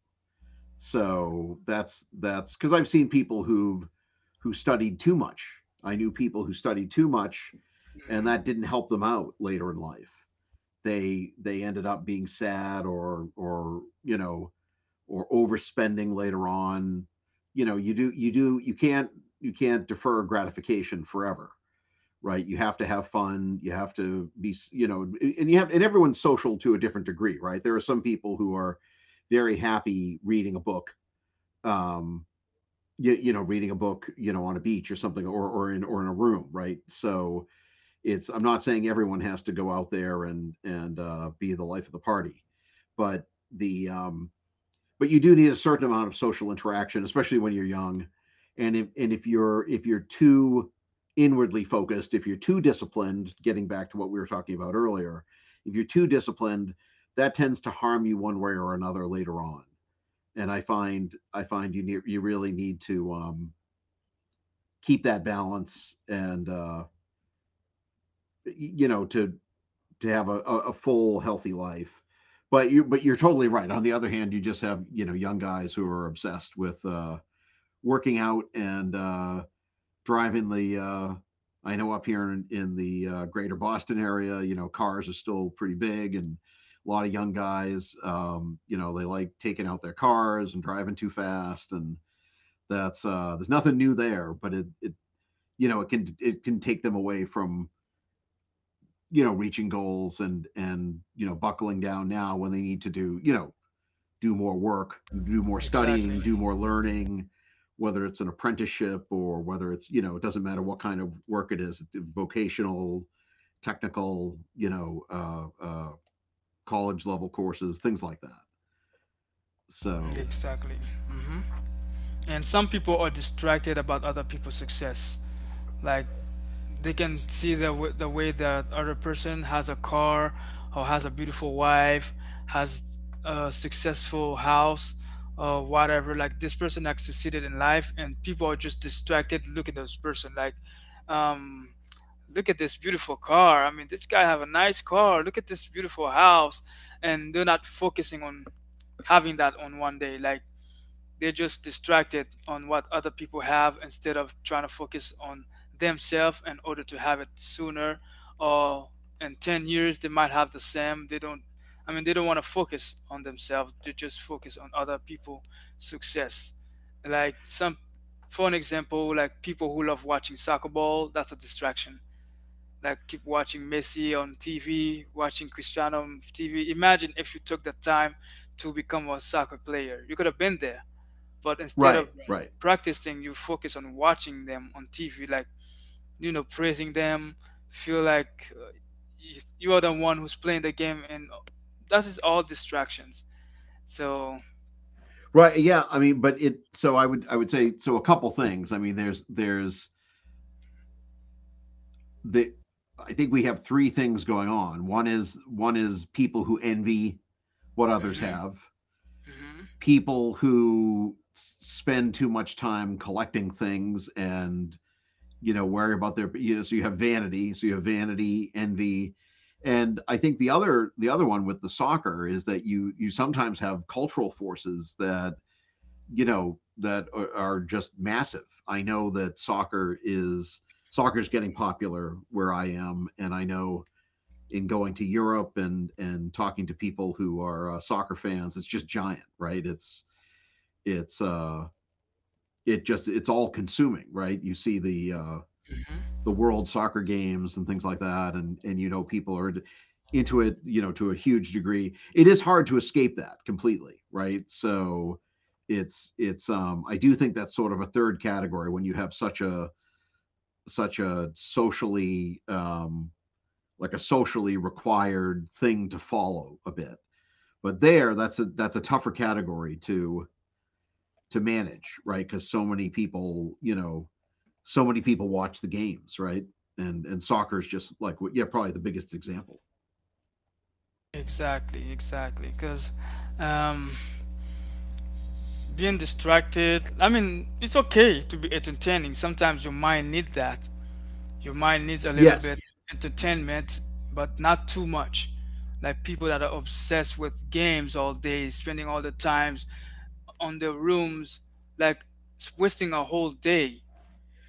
B: so that's because I've seen people who studied too much. I knew people who studied too much, and
A: mhm,
B: that didn't help them out later in life. They ended up being sad or, you know, or overspending later on. You know you can't defer gratification forever, right? You have to have fun. You have to be, you know, and you have and everyone's social to a different degree, right? There are some people who are very happy reading a book, um, you, you know, reading a book, you know, on a beach or something or or in a room, right? So it's, I'm not saying everyone has to go out there and be the life of the party, but the but you do need a certain amount of social interaction, especially when you're young. And if and if you're, if you're too inwardly focused, if you're too disciplined, getting back to what we were talking about earlier, if you're too disciplined, that tends to harm you one way or another later on, and I find you you really need to keep that balance and, you know, to have a full healthy life. But you're totally right. On the other hand, you just have, you know, young guys who are obsessed with working out and driving the. I know up here in the greater Boston area, you know, cars are still pretty big and a lot of young guys, you know, they like taking out their cars and driving too fast. And that's, there's nothing new there, but it, you know, it can take them away from, you know, reaching goals and, you know, buckling down now when they need to do, you know, do more work, do more
A: exactly.
B: studying, do more learning, whether it's an apprenticeship or whether it's, you know, it doesn't matter what kind of work it is, vocational, technical, you know, college level courses, things like that.
A: Yeah,
B: So
A: exactly. Hmm. And some people are distracted about other people's success. Like they can see the way that other person has a car or has a beautiful wife, has a successful house or whatever. Like this person has succeeded in life, and people are just distracted. Look at this person. Like, um, look at this beautiful car. I mean, this guy have a nice car. Look at this beautiful house, and they're not focusing on having that on one day. Like they're just distracted on what other people have instead of trying to focus on themselves in order to have it sooner, or in 10 years they might have the same. They don't want to focus on themselves. They just focus on other people success. Like some For an example, like people who love watching soccer ball, that's a distraction. Like keep watching Messi on TV, watching Cristiano on TV. Imagine if you took the time to become a soccer player, you could have been there. But instead of
B: right, right.
A: Practicing, you focus on watching them on TV, like, you know, praising them, feel like you are the one who's playing the game, and that is all distractions. So,
B: Right. Yeah. I mean, but it. So I would. I would say. So a couple things. I mean, there's the I think we have three things going on. One is people who envy what others
A: hmm
B: have,
A: hmm
B: people who spend too much time collecting things and, you know, worry about their, you know, so you have vanity, so you have vanity, envy, and I think the other one with the soccer is that you sometimes have cultural forces that, you know, that are just massive. I know that soccer is getting popular where I am, and I know in going to Europe and talking to people who are soccer fans, it's just giant, right? It's uh it just it's all consuming, right? You see
A: hmm
B: the world soccer games and things like that, and you know people are into it, you know, to a huge degree. It is hard to escape that completely, right? So it's I do think that's sort of a third category when you have such a socially a socially required thing to follow a bit. But there, that's a tougher category to manage, right? Because so many people, you know, so many people watch the games, right? And soccer is just like yeah, probably the biggest example.
A: exactly, exactly. Because, um, being distracted. I mean, it's okay to be entertaining. Sometimes your mind needs that. Your mind needs a little bit
B: Yes.
A: entertainment, but not too much. Like people that are obsessed with games all day, spending all the times on their rooms, like wasting a whole day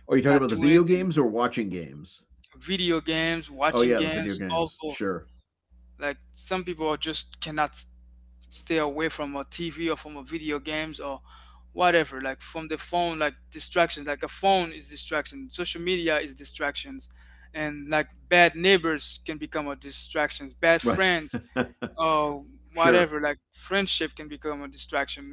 B: Are you talking
A: not
B: about the
A: doing
B: video
A: anything.
B: games or watching games?
A: Video games,
B: Oh
A: watching
B: yeah, the video
A: games, all
B: games.
A: both.
B: Sure.
A: Like some people are just cannot stay away from a TV or from a video games or whatever, like from the phone, like distractions. Like a phone is distraction, social media is distractions, and like bad neighbors can become a distractions, bad
B: Right.
A: friends or
B: Sure.
A: whatever, like friendship can become a distraction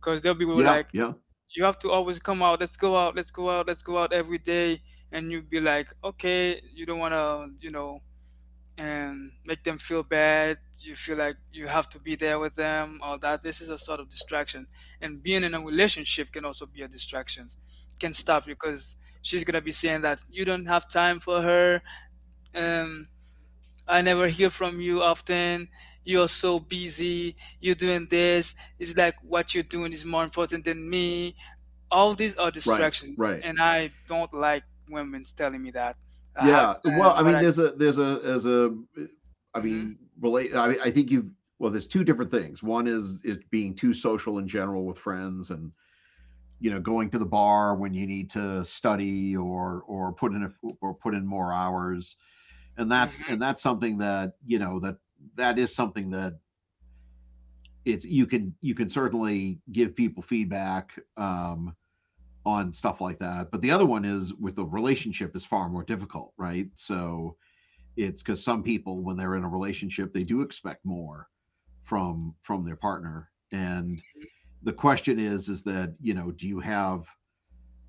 A: because they'll be
B: Yeah.
A: like,
B: Yeah.
A: you have to always come out. Let's go out. Let's go out. Let's go out every day. And you'd be like, okay, you don't want to, you know, and make them feel bad. You feel like you have to be there with them, all that. This is a sort of distraction. And being in a relationship can also be a distraction. Can stop you because she's gonna be saying that you don't have time for her. Um, I never hear from you often. You're so busy. You're doing this. It's like what you're doing is more important than me. All these are
B: Right.
A: distractions,
B: Right.
A: and I don't like women telling me that. I had
B: Yeah. Well, I
A: what
B: mean,
A: I.
B: there's a there's a there's a I
A: hmm
B: mean, relate. Mean, I think you've, well, there's two different things. One is being too social in general with friends and you know going to the bar when you need to study or put in or put in more hours. and that's and
A: hmm
B: that's something that you know that is something that it's you can certainly give people feedback on stuff like that. But the other one is with the relationship is far more difficult, right? So it's because some people when they're in a relationship they do expect more from their partner. And the question is that, you know, do you have,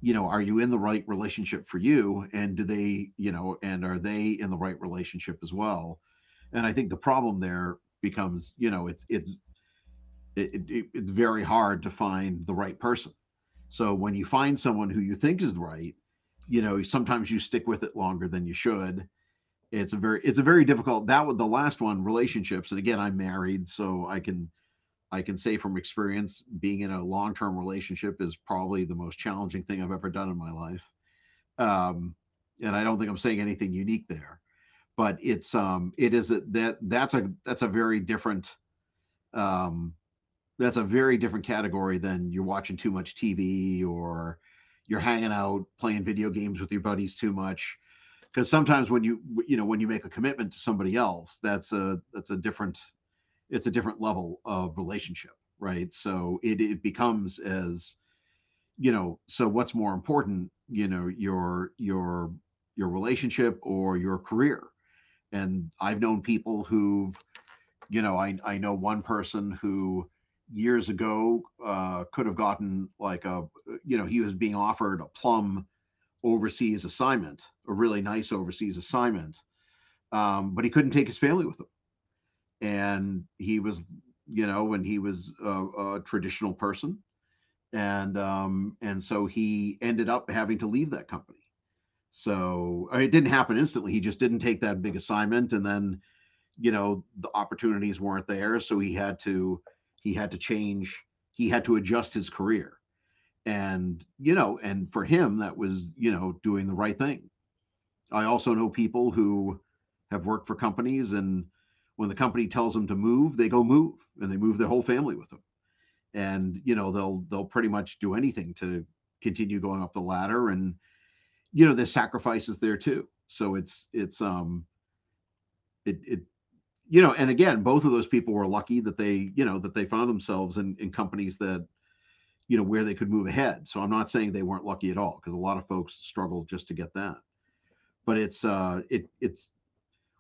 B: you know, are you in the right relationship for you? And do they, you know, and are they in the right relationship as well? And I think the problem there becomes, you know, it's it's very hard to find the right person. So when you find someone who you think is right, you know, sometimes you stick with it longer than you should. It's a very difficult, that was the last one, relationships. And again, I'm married, so I can say from experience, being in a long term relationship is probably the most challenging thing I've ever done in my life. um, and I don't think I'm saying anything unique there. But it's, it is a, that's a very different, um, that's a very different category than you're watching too much TV, or you're hanging out playing video games with your buddies too much. Because sometimes when you know, when you make a commitment to somebody else, that's a different, it's a different level of relationship, right? So it becomes as, you know, so what's more important, you know, your your relationship or your career? And I've known people who've, you know, I know one person who years ago could have gotten like you know, he was being offered a plum overseas assignment, a really nice overseas assignment, but he couldn't take his family with him, and he was, you know, when he was a traditional person, and so he ended up having to leave that company. So I mean, it didn't happen instantly. He just didn't take that big assignment, and then you know the opportunities weren't there, so he had to, he had to change. He had to adjust his career, and you know, and for him that was, you know, doing the right thing. I also know people who have worked for companies, and when the company tells them to move, they go move, and they move their whole family with them. And you know they'll pretty much do anything to continue going up the ladder. And you know there's sacrifices there too, so it's it, it you know. And again, both of those people were lucky that they, you know, that they found themselves in companies that, you know, where they could move ahead. So I'm not saying they weren't lucky at all, because a lot of folks struggle just to get that. But it's it's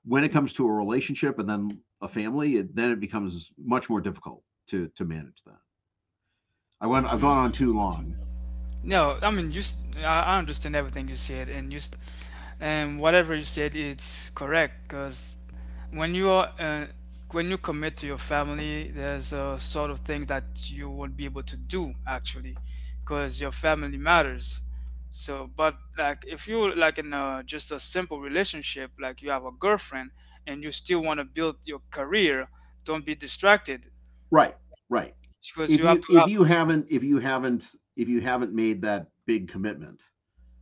B: when it comes to a relationship and then a family, then it becomes much more difficult to manage that. I've gone on
A: hmm
B: too long.
A: No, I mean, I s- I understand everything you said, and just and whatever you said, it's correct. Because when you are, when you commit to your family, there's a sort of thing that you won't be able to do actually, because your family matters. So, but like if you like in a just a simple relationship, like you have a girlfriend and you still want to build your career, don't be distracted
B: Right, right.
A: because you
B: If
A: have
B: you
A: to have.
B: if you haven't made that big commitment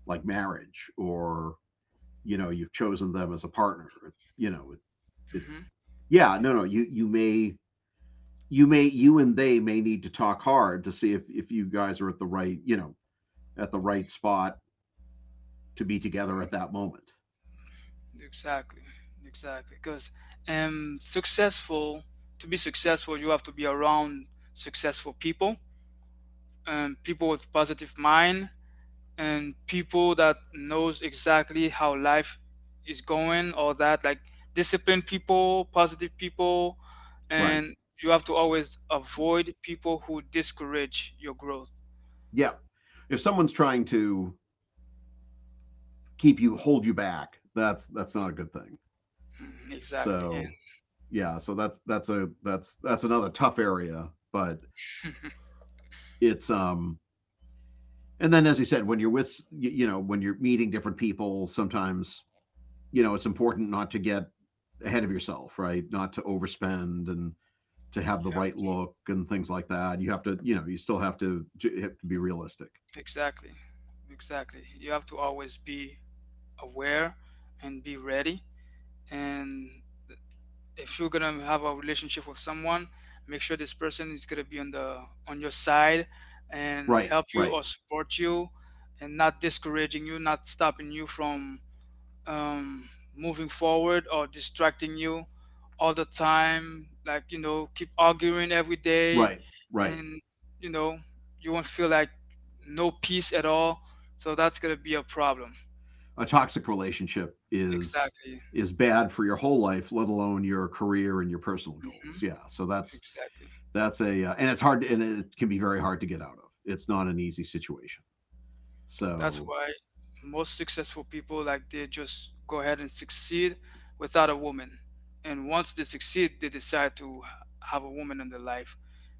B: like marriage or, you know, you've chosen them as a partner, you know it,
A: Mhm.
B: yeah, no, you may, you may, you and they may need to talk hard to see if you guys are at the right, you know, at the right spot to be together at that moment.
A: Exactly, exactly. Because successful to be successful, you have to be around successful people, people with positive mind, and people that knows exactly how life is going, or that like disciplined people, positive people,
B: Right.
A: and you have to always avoid people who discourage your growth.
B: Yeah. If someone's trying to keep you, hold you back, that's not a good thing.
A: Mm, exactly, and
B: So yeah, so that's a that's that's another tough area, but it's and then as I said, when you're with, you know, when you're meeting different people, sometimes, you know, it's important not to get ahead of yourself, right? Not to overspend, and to have the
A: yep,
B: right look and things like that. You have to, you know, you still have to be realistic.
A: exactly, exactly. You have to always be aware and be ready, and if you're gonna have a relationship with someone, make sure this person is gonna be on your side and
B: Right,
A: help you
B: right,
A: or support you, and not discouraging you, not stopping you from um, moving forward or distracting you all the time, like you know, keep arguing every day,
B: right, right.
A: and you know, you won't feel like no peace at all, so that's gonna be a problem.
B: A toxic relationship is
A: Exactly.
B: is bad for your whole life, let alone your career and your personal goals.
A: Hmm.
B: Yeah, so
A: Exactly.
B: that's a and it's hard to, and it can be very hard to get out of. It's not an easy situation.
A: That's
B: So
A: why most successful people, like they just go ahead and succeed without a woman. And once they succeed, they decide to have a woman in their life,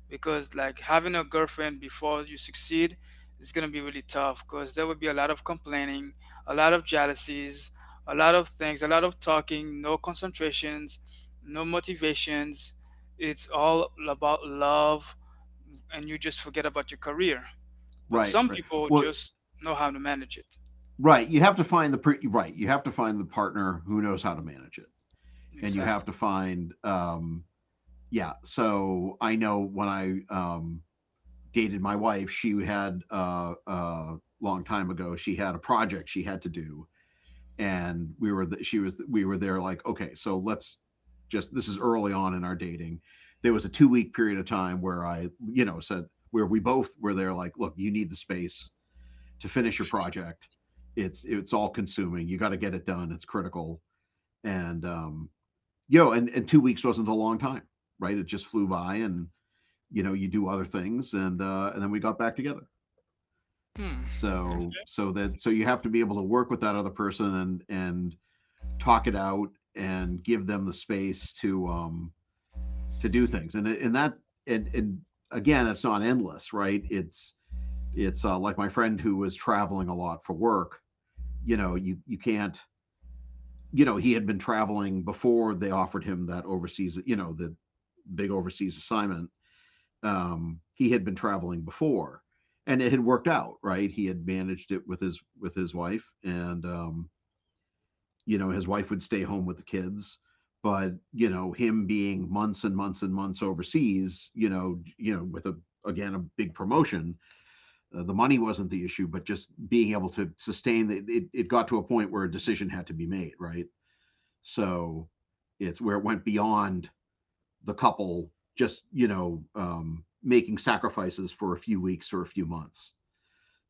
A: because like having a girlfriend before you succeed is going to be really tough, because there will be a lot of complaining, a lot of jealousies, a lot of things, a lot of talking, no concentrations, no motivations. It's all about love, and you just forget about your career. But
B: right,
A: some
B: right.
A: people
B: Well,
A: just know how to manage it.
B: right. You have to find right. You have to find the partner who knows how to manage it, and you have
A: Exactly.
B: to find yeah. So I know when I dated my wife, she had long time ago she had a project she had to do, and we were, she was, we were there like, okay, so let's just, this is early on in our dating, there was a 2 week period of time where i, you know, said, where we both were there like, look, you need the space to finish your project, it's all consuming, you got to get it done, it's critical. And you know and 2 weeks wasn't a long time, right, it just flew by. And you know you do other things, and then we got back together.
A: Hmm. Mhm.
B: So so that, so you have to be able to work with that other person, and talk it out, and give them the space to, to do things. And that, and again, it's not endless, right? It's Like my friend who was traveling a lot for work. You know, you can't. You know, he had been traveling before they offered him that overseas. You know, the big overseas assignment. He had been traveling before, and it had worked out, right? He had managed it with his wife, and you know his wife would stay home with the kids, but you know him being months and months and months overseas, you know, you know, with a, again, a big promotion, the money wasn't the issue, but just being able to sustain the, it got to a point where a decision had to be made, right? So it's where it went beyond the couple, just, you know, making sacrifices for a few weeks or a few months.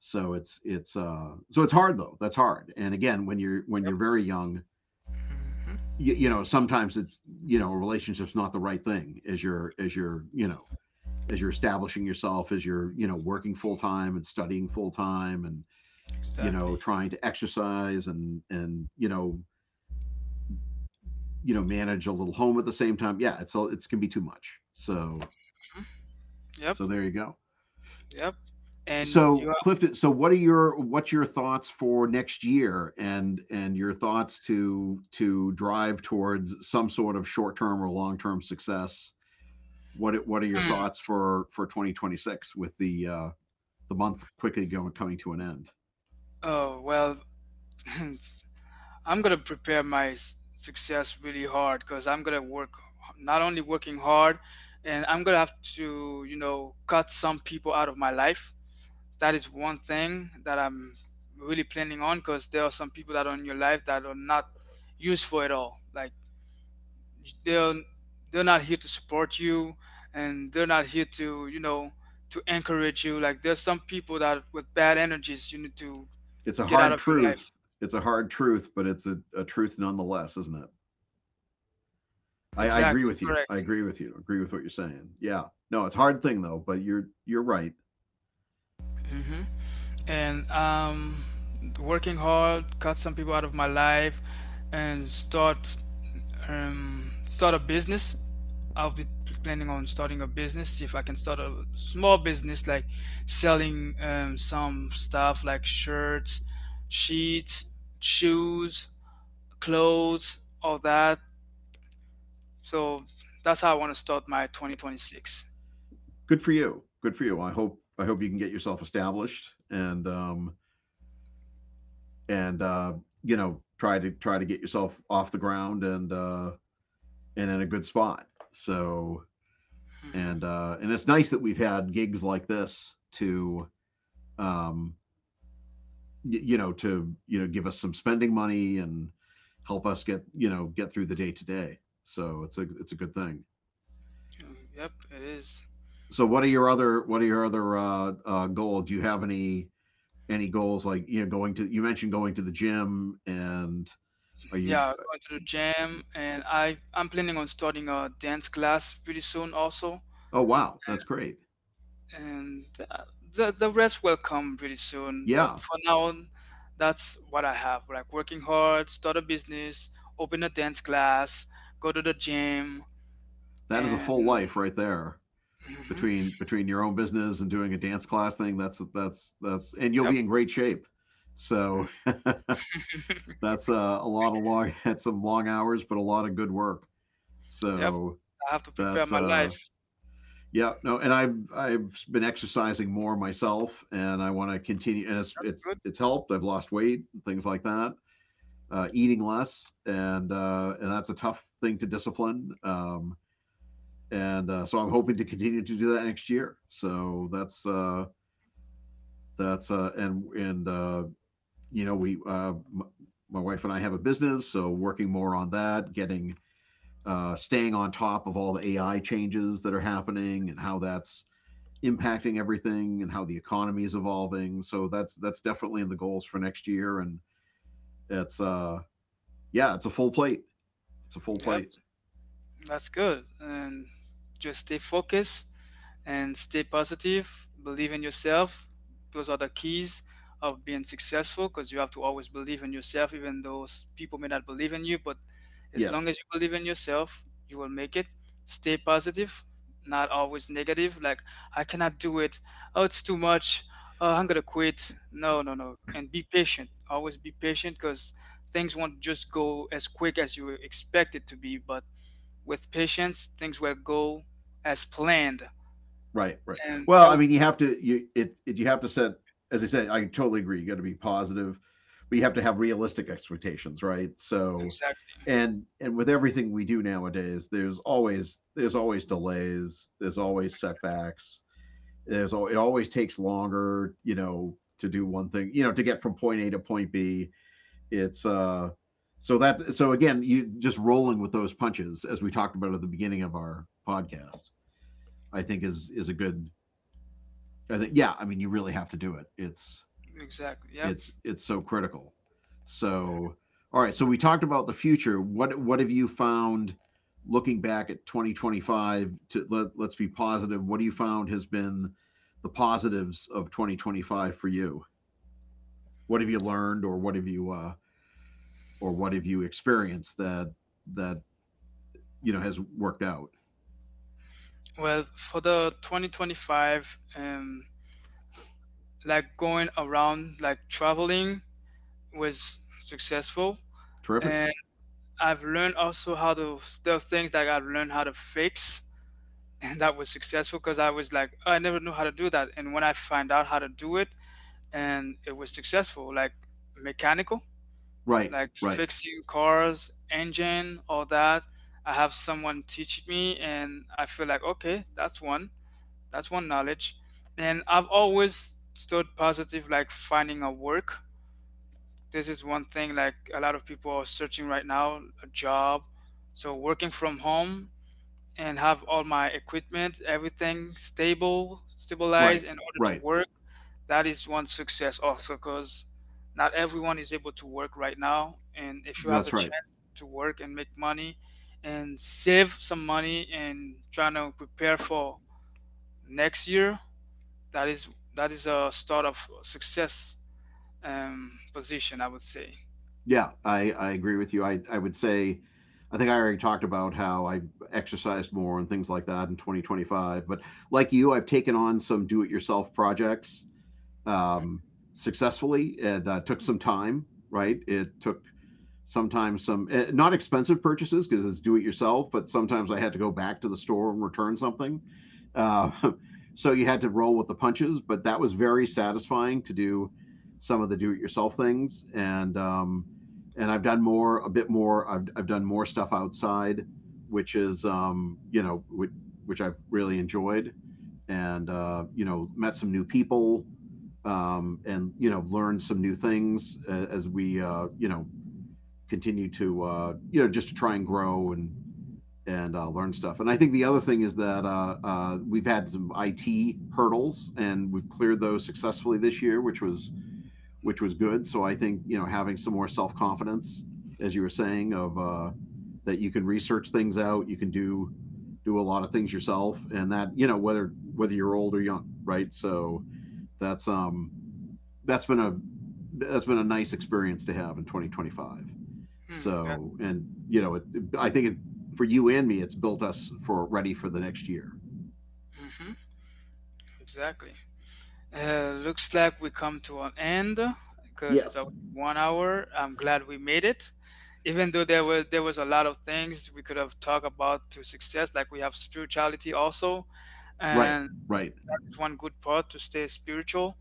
B: So it's so it's hard though, that's hard. And again, when
A: Yep.
B: you're very young,
A: Hmm.
B: you know sometimes it's, you know, a relationship's not the right thing as you're, as you're, you know, as you're establishing yourself, as you're, you know, working full time and studying full time, and you know
A: Exactly.
B: trying to exercise and, you know, you know manage a little home at the same time, yeah, it's all, it's can be too much. So
A: Mhm. Yep.
B: so there you go.
A: Yep. And you
B: So
A: are.
B: Clifton, so what are your, what's your thoughts for next year, and your thoughts to drive towards some sort of short-term or long-term success? What are your
A: Hmm.
B: thoughts for 2026 with the month quickly going coming to an end?
A: Oh well, I'm gonna prepare my success really hard, because I'm gonna work not only working hard, and I'm gonna have to, you know, cut some people out of my life. That is one thing that I'm really planning on, because there are some people that are in your life that are not useful at all. Like they're they're not here to support you, and they're not here to, you know, to encourage you. Like there's some people that with bad energies you need to
B: It's a
A: get out
B: hard
A: of your life.
B: truth. It's a hard truth, but it's a truth nonetheless, isn't it? I agree
A: Exactly.
B: with you. I
A: Correct.
B: agree with you. Agree with what you're saying. Yeah. No, it's a hard thing though, but you're right.
A: Hmm. And working hard, cut some people out of my life, and start a business. I'll be planning on starting a business, see if I can start a small business, like selling some stuff like shirts, sheets, shoes, clothes, all that. So that's how I want to start my 2026.
B: Good for you. Good for you. I hope you can get yourself established, and uh, you know, try to try to get yourself off the ground, and in a good spot. So
A: Hmm.
B: and it's nice that we've had gigs like this to, um, you know, to you know give us some spending money and help us get, you know, get through the day to day. So it's a good thing.
A: Yep, it is.
B: So what are your other, what are your other, goals? Do you have any goals like, you know, going to, you mentioned going to the gym, and are you,
A: Yeah, going to the gym, and I'm planning on starting a dance class pretty soon also,
B: oh wow, that's great,
A: and the rest will come pretty soon. But
B: yeah,
A: for now, that's what I have. Like working hard, start a business, open a dance class, go to the gym,
B: that is a
A: and
B: full life right there.
A: hmm.
B: Between your own business and doing a dance class thing, that's and you'll
A: Yep.
B: be in great shape.
A: Mm.
B: So that's a lot of long had some long hours, but a lot of good work.
A: Yep.
B: So
A: I have to prepare
B: that's
A: my life.
B: yeah. No, and I've been exercising more myself, and I want to continue, and it's it's
A: Good.
B: it's helped, I've lost weight and things like that, eating less, and that's a tough thing to discipline, and so I'm hoping to continue to do that next year. So that's that's and you know we my wife and I have a business, so working more on that, getting, staying on top of all the AI changes that are happening and how that's impacting everything and how the economy is evolving. So that's definitely in the goals for next year. And it's yeah, it's a full plate. It's a full
A: Yep,
B: plate.
A: that's good. And just stay focused and stay positive, believe in yourself. Those are the keys of being successful, because you have to always believe in yourself, even though people may not believe in you. But as long
B: Yes.
A: as you believe in yourself, you will make it. Stay positive, not always negative. Like, I cannot do it. Oh, it's too much. Oh, I'm going to quit. No, no, no. And be patient. Always be patient, because things won't just go as quick as you expect it to be. But with patience, things will go as planned.
B: Right, right.
A: And
B: Well, I
A: it'll
B: mean, you have to you, it, you have to set, as I said, I totally agree. You got to be positive, but you have to have realistic expectations, right? So,
A: exactly,
B: and with everything we do nowadays, there's always delays, there's always setbacks. It always takes longer, you know, to do one thing, you know, to get from point A to point B. It's so that so again, you just rolling with those punches as we talked about at the beginning of our podcast, I think is a good I think yeah, I mean you really have to do it. It's
A: exactly, yeah.
B: it's it's so critical. So all right, so we talked about the future. What have you found looking back at 2025 to let's be positive, what do you found has been the positives of 2025 for you? What have you learned or what have you or what have you experienced that that has worked out?
A: Well, for the 2025, like going around, like traveling was successful,
B: Terrific.
A: and I've learned also how to, there are things that I've learned how to fix, and that was successful because I was like, "Oh, I never knew how to do that, and when I find out how to do it, and it was successful, like mechanical.
B: Right,
A: Like
B: right,
A: fixing cars, engine, all that. I have someone teaching me, and I feel like okay, that's one knowledge. And I've always stood positive, like finding a work. This is one thing like a lot of people are searching right now, a job. So working from home and have all my equipment, everything stable, stabilized
B: right,
A: in order to
B: right.
A: work, that is one success also, because not everyone is able to work right now, and if you have the
B: That's right.
A: chance to work and make money and save some money and trying to prepare for next year, that is that is a start of success, position I would say.
B: Yeah, I agree with you. I would say, I think I already talked about how I exercised more and things like that in 2025. But like you, I've taken on some do it yourself projects, um, successfully, and took some time, right? It took sometimes some not expensive purchases because it's do it yourself, but sometimes I had to go back to the store and return something. Uh, so you had to roll with the punches, but that was very satisfying to do some of the do it yourself things. And I've done more, a bit more, I've done more stuff outside, which is, you know, which I've really enjoyed and, you know, met some new people, and, you know, learned some new things, as we, you know, continue to you know just to try and grow and learn stuff. And I think the other thing is that we've had some IT hurdles and we've cleared those successfully this year, which was good. So I think, you know, having some more self confidence, as you were saying, of that you can research things out, you can do a lot of things yourself, and that, you know, whether you're old or young, right? So that's um that's been a that's been a nice experience to have in 2025.
A: Hmm, that,
B: So, and you know, I think it, for you and me, it's built us for ready for the next year.
A: hmm, exactly. Looks like we come to an end, because it's
B: Yes.
A: already 1 hour. I'm glad we made it. Even though there was a lot of things we could have talked about to success, like we have spirituality also,
B: Right,
A: and
B: right.
A: it's one good part to stay spiritual.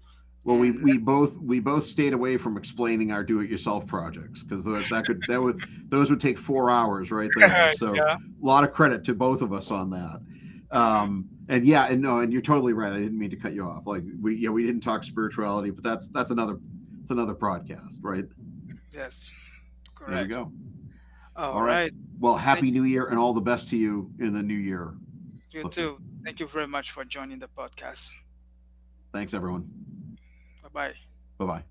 B: Well,
A: And
B: we both stayed away from explaining our do-it-yourself projects because that, that could that would those would take 4 hours right there. So
A: yeah,
B: a lot of credit to both of us on that.
A: hmm,
B: And yeah, and no, and you're totally right. I didn't mean to cut you off. Like, we, yeah, we didn't talk spirituality, but that's another it's another podcast, right?
A: yes,
B: There we
A: correct.
B: go. All
A: All
B: right.
A: right,
B: Well,
A: thank
B: happy New Year and all the best to you in the new year.
A: you
B: Clifton.
A: too. Thank you very much for joining the podcast.
B: Thanks, everyone.
A: Bye bye.
B: Bye bye.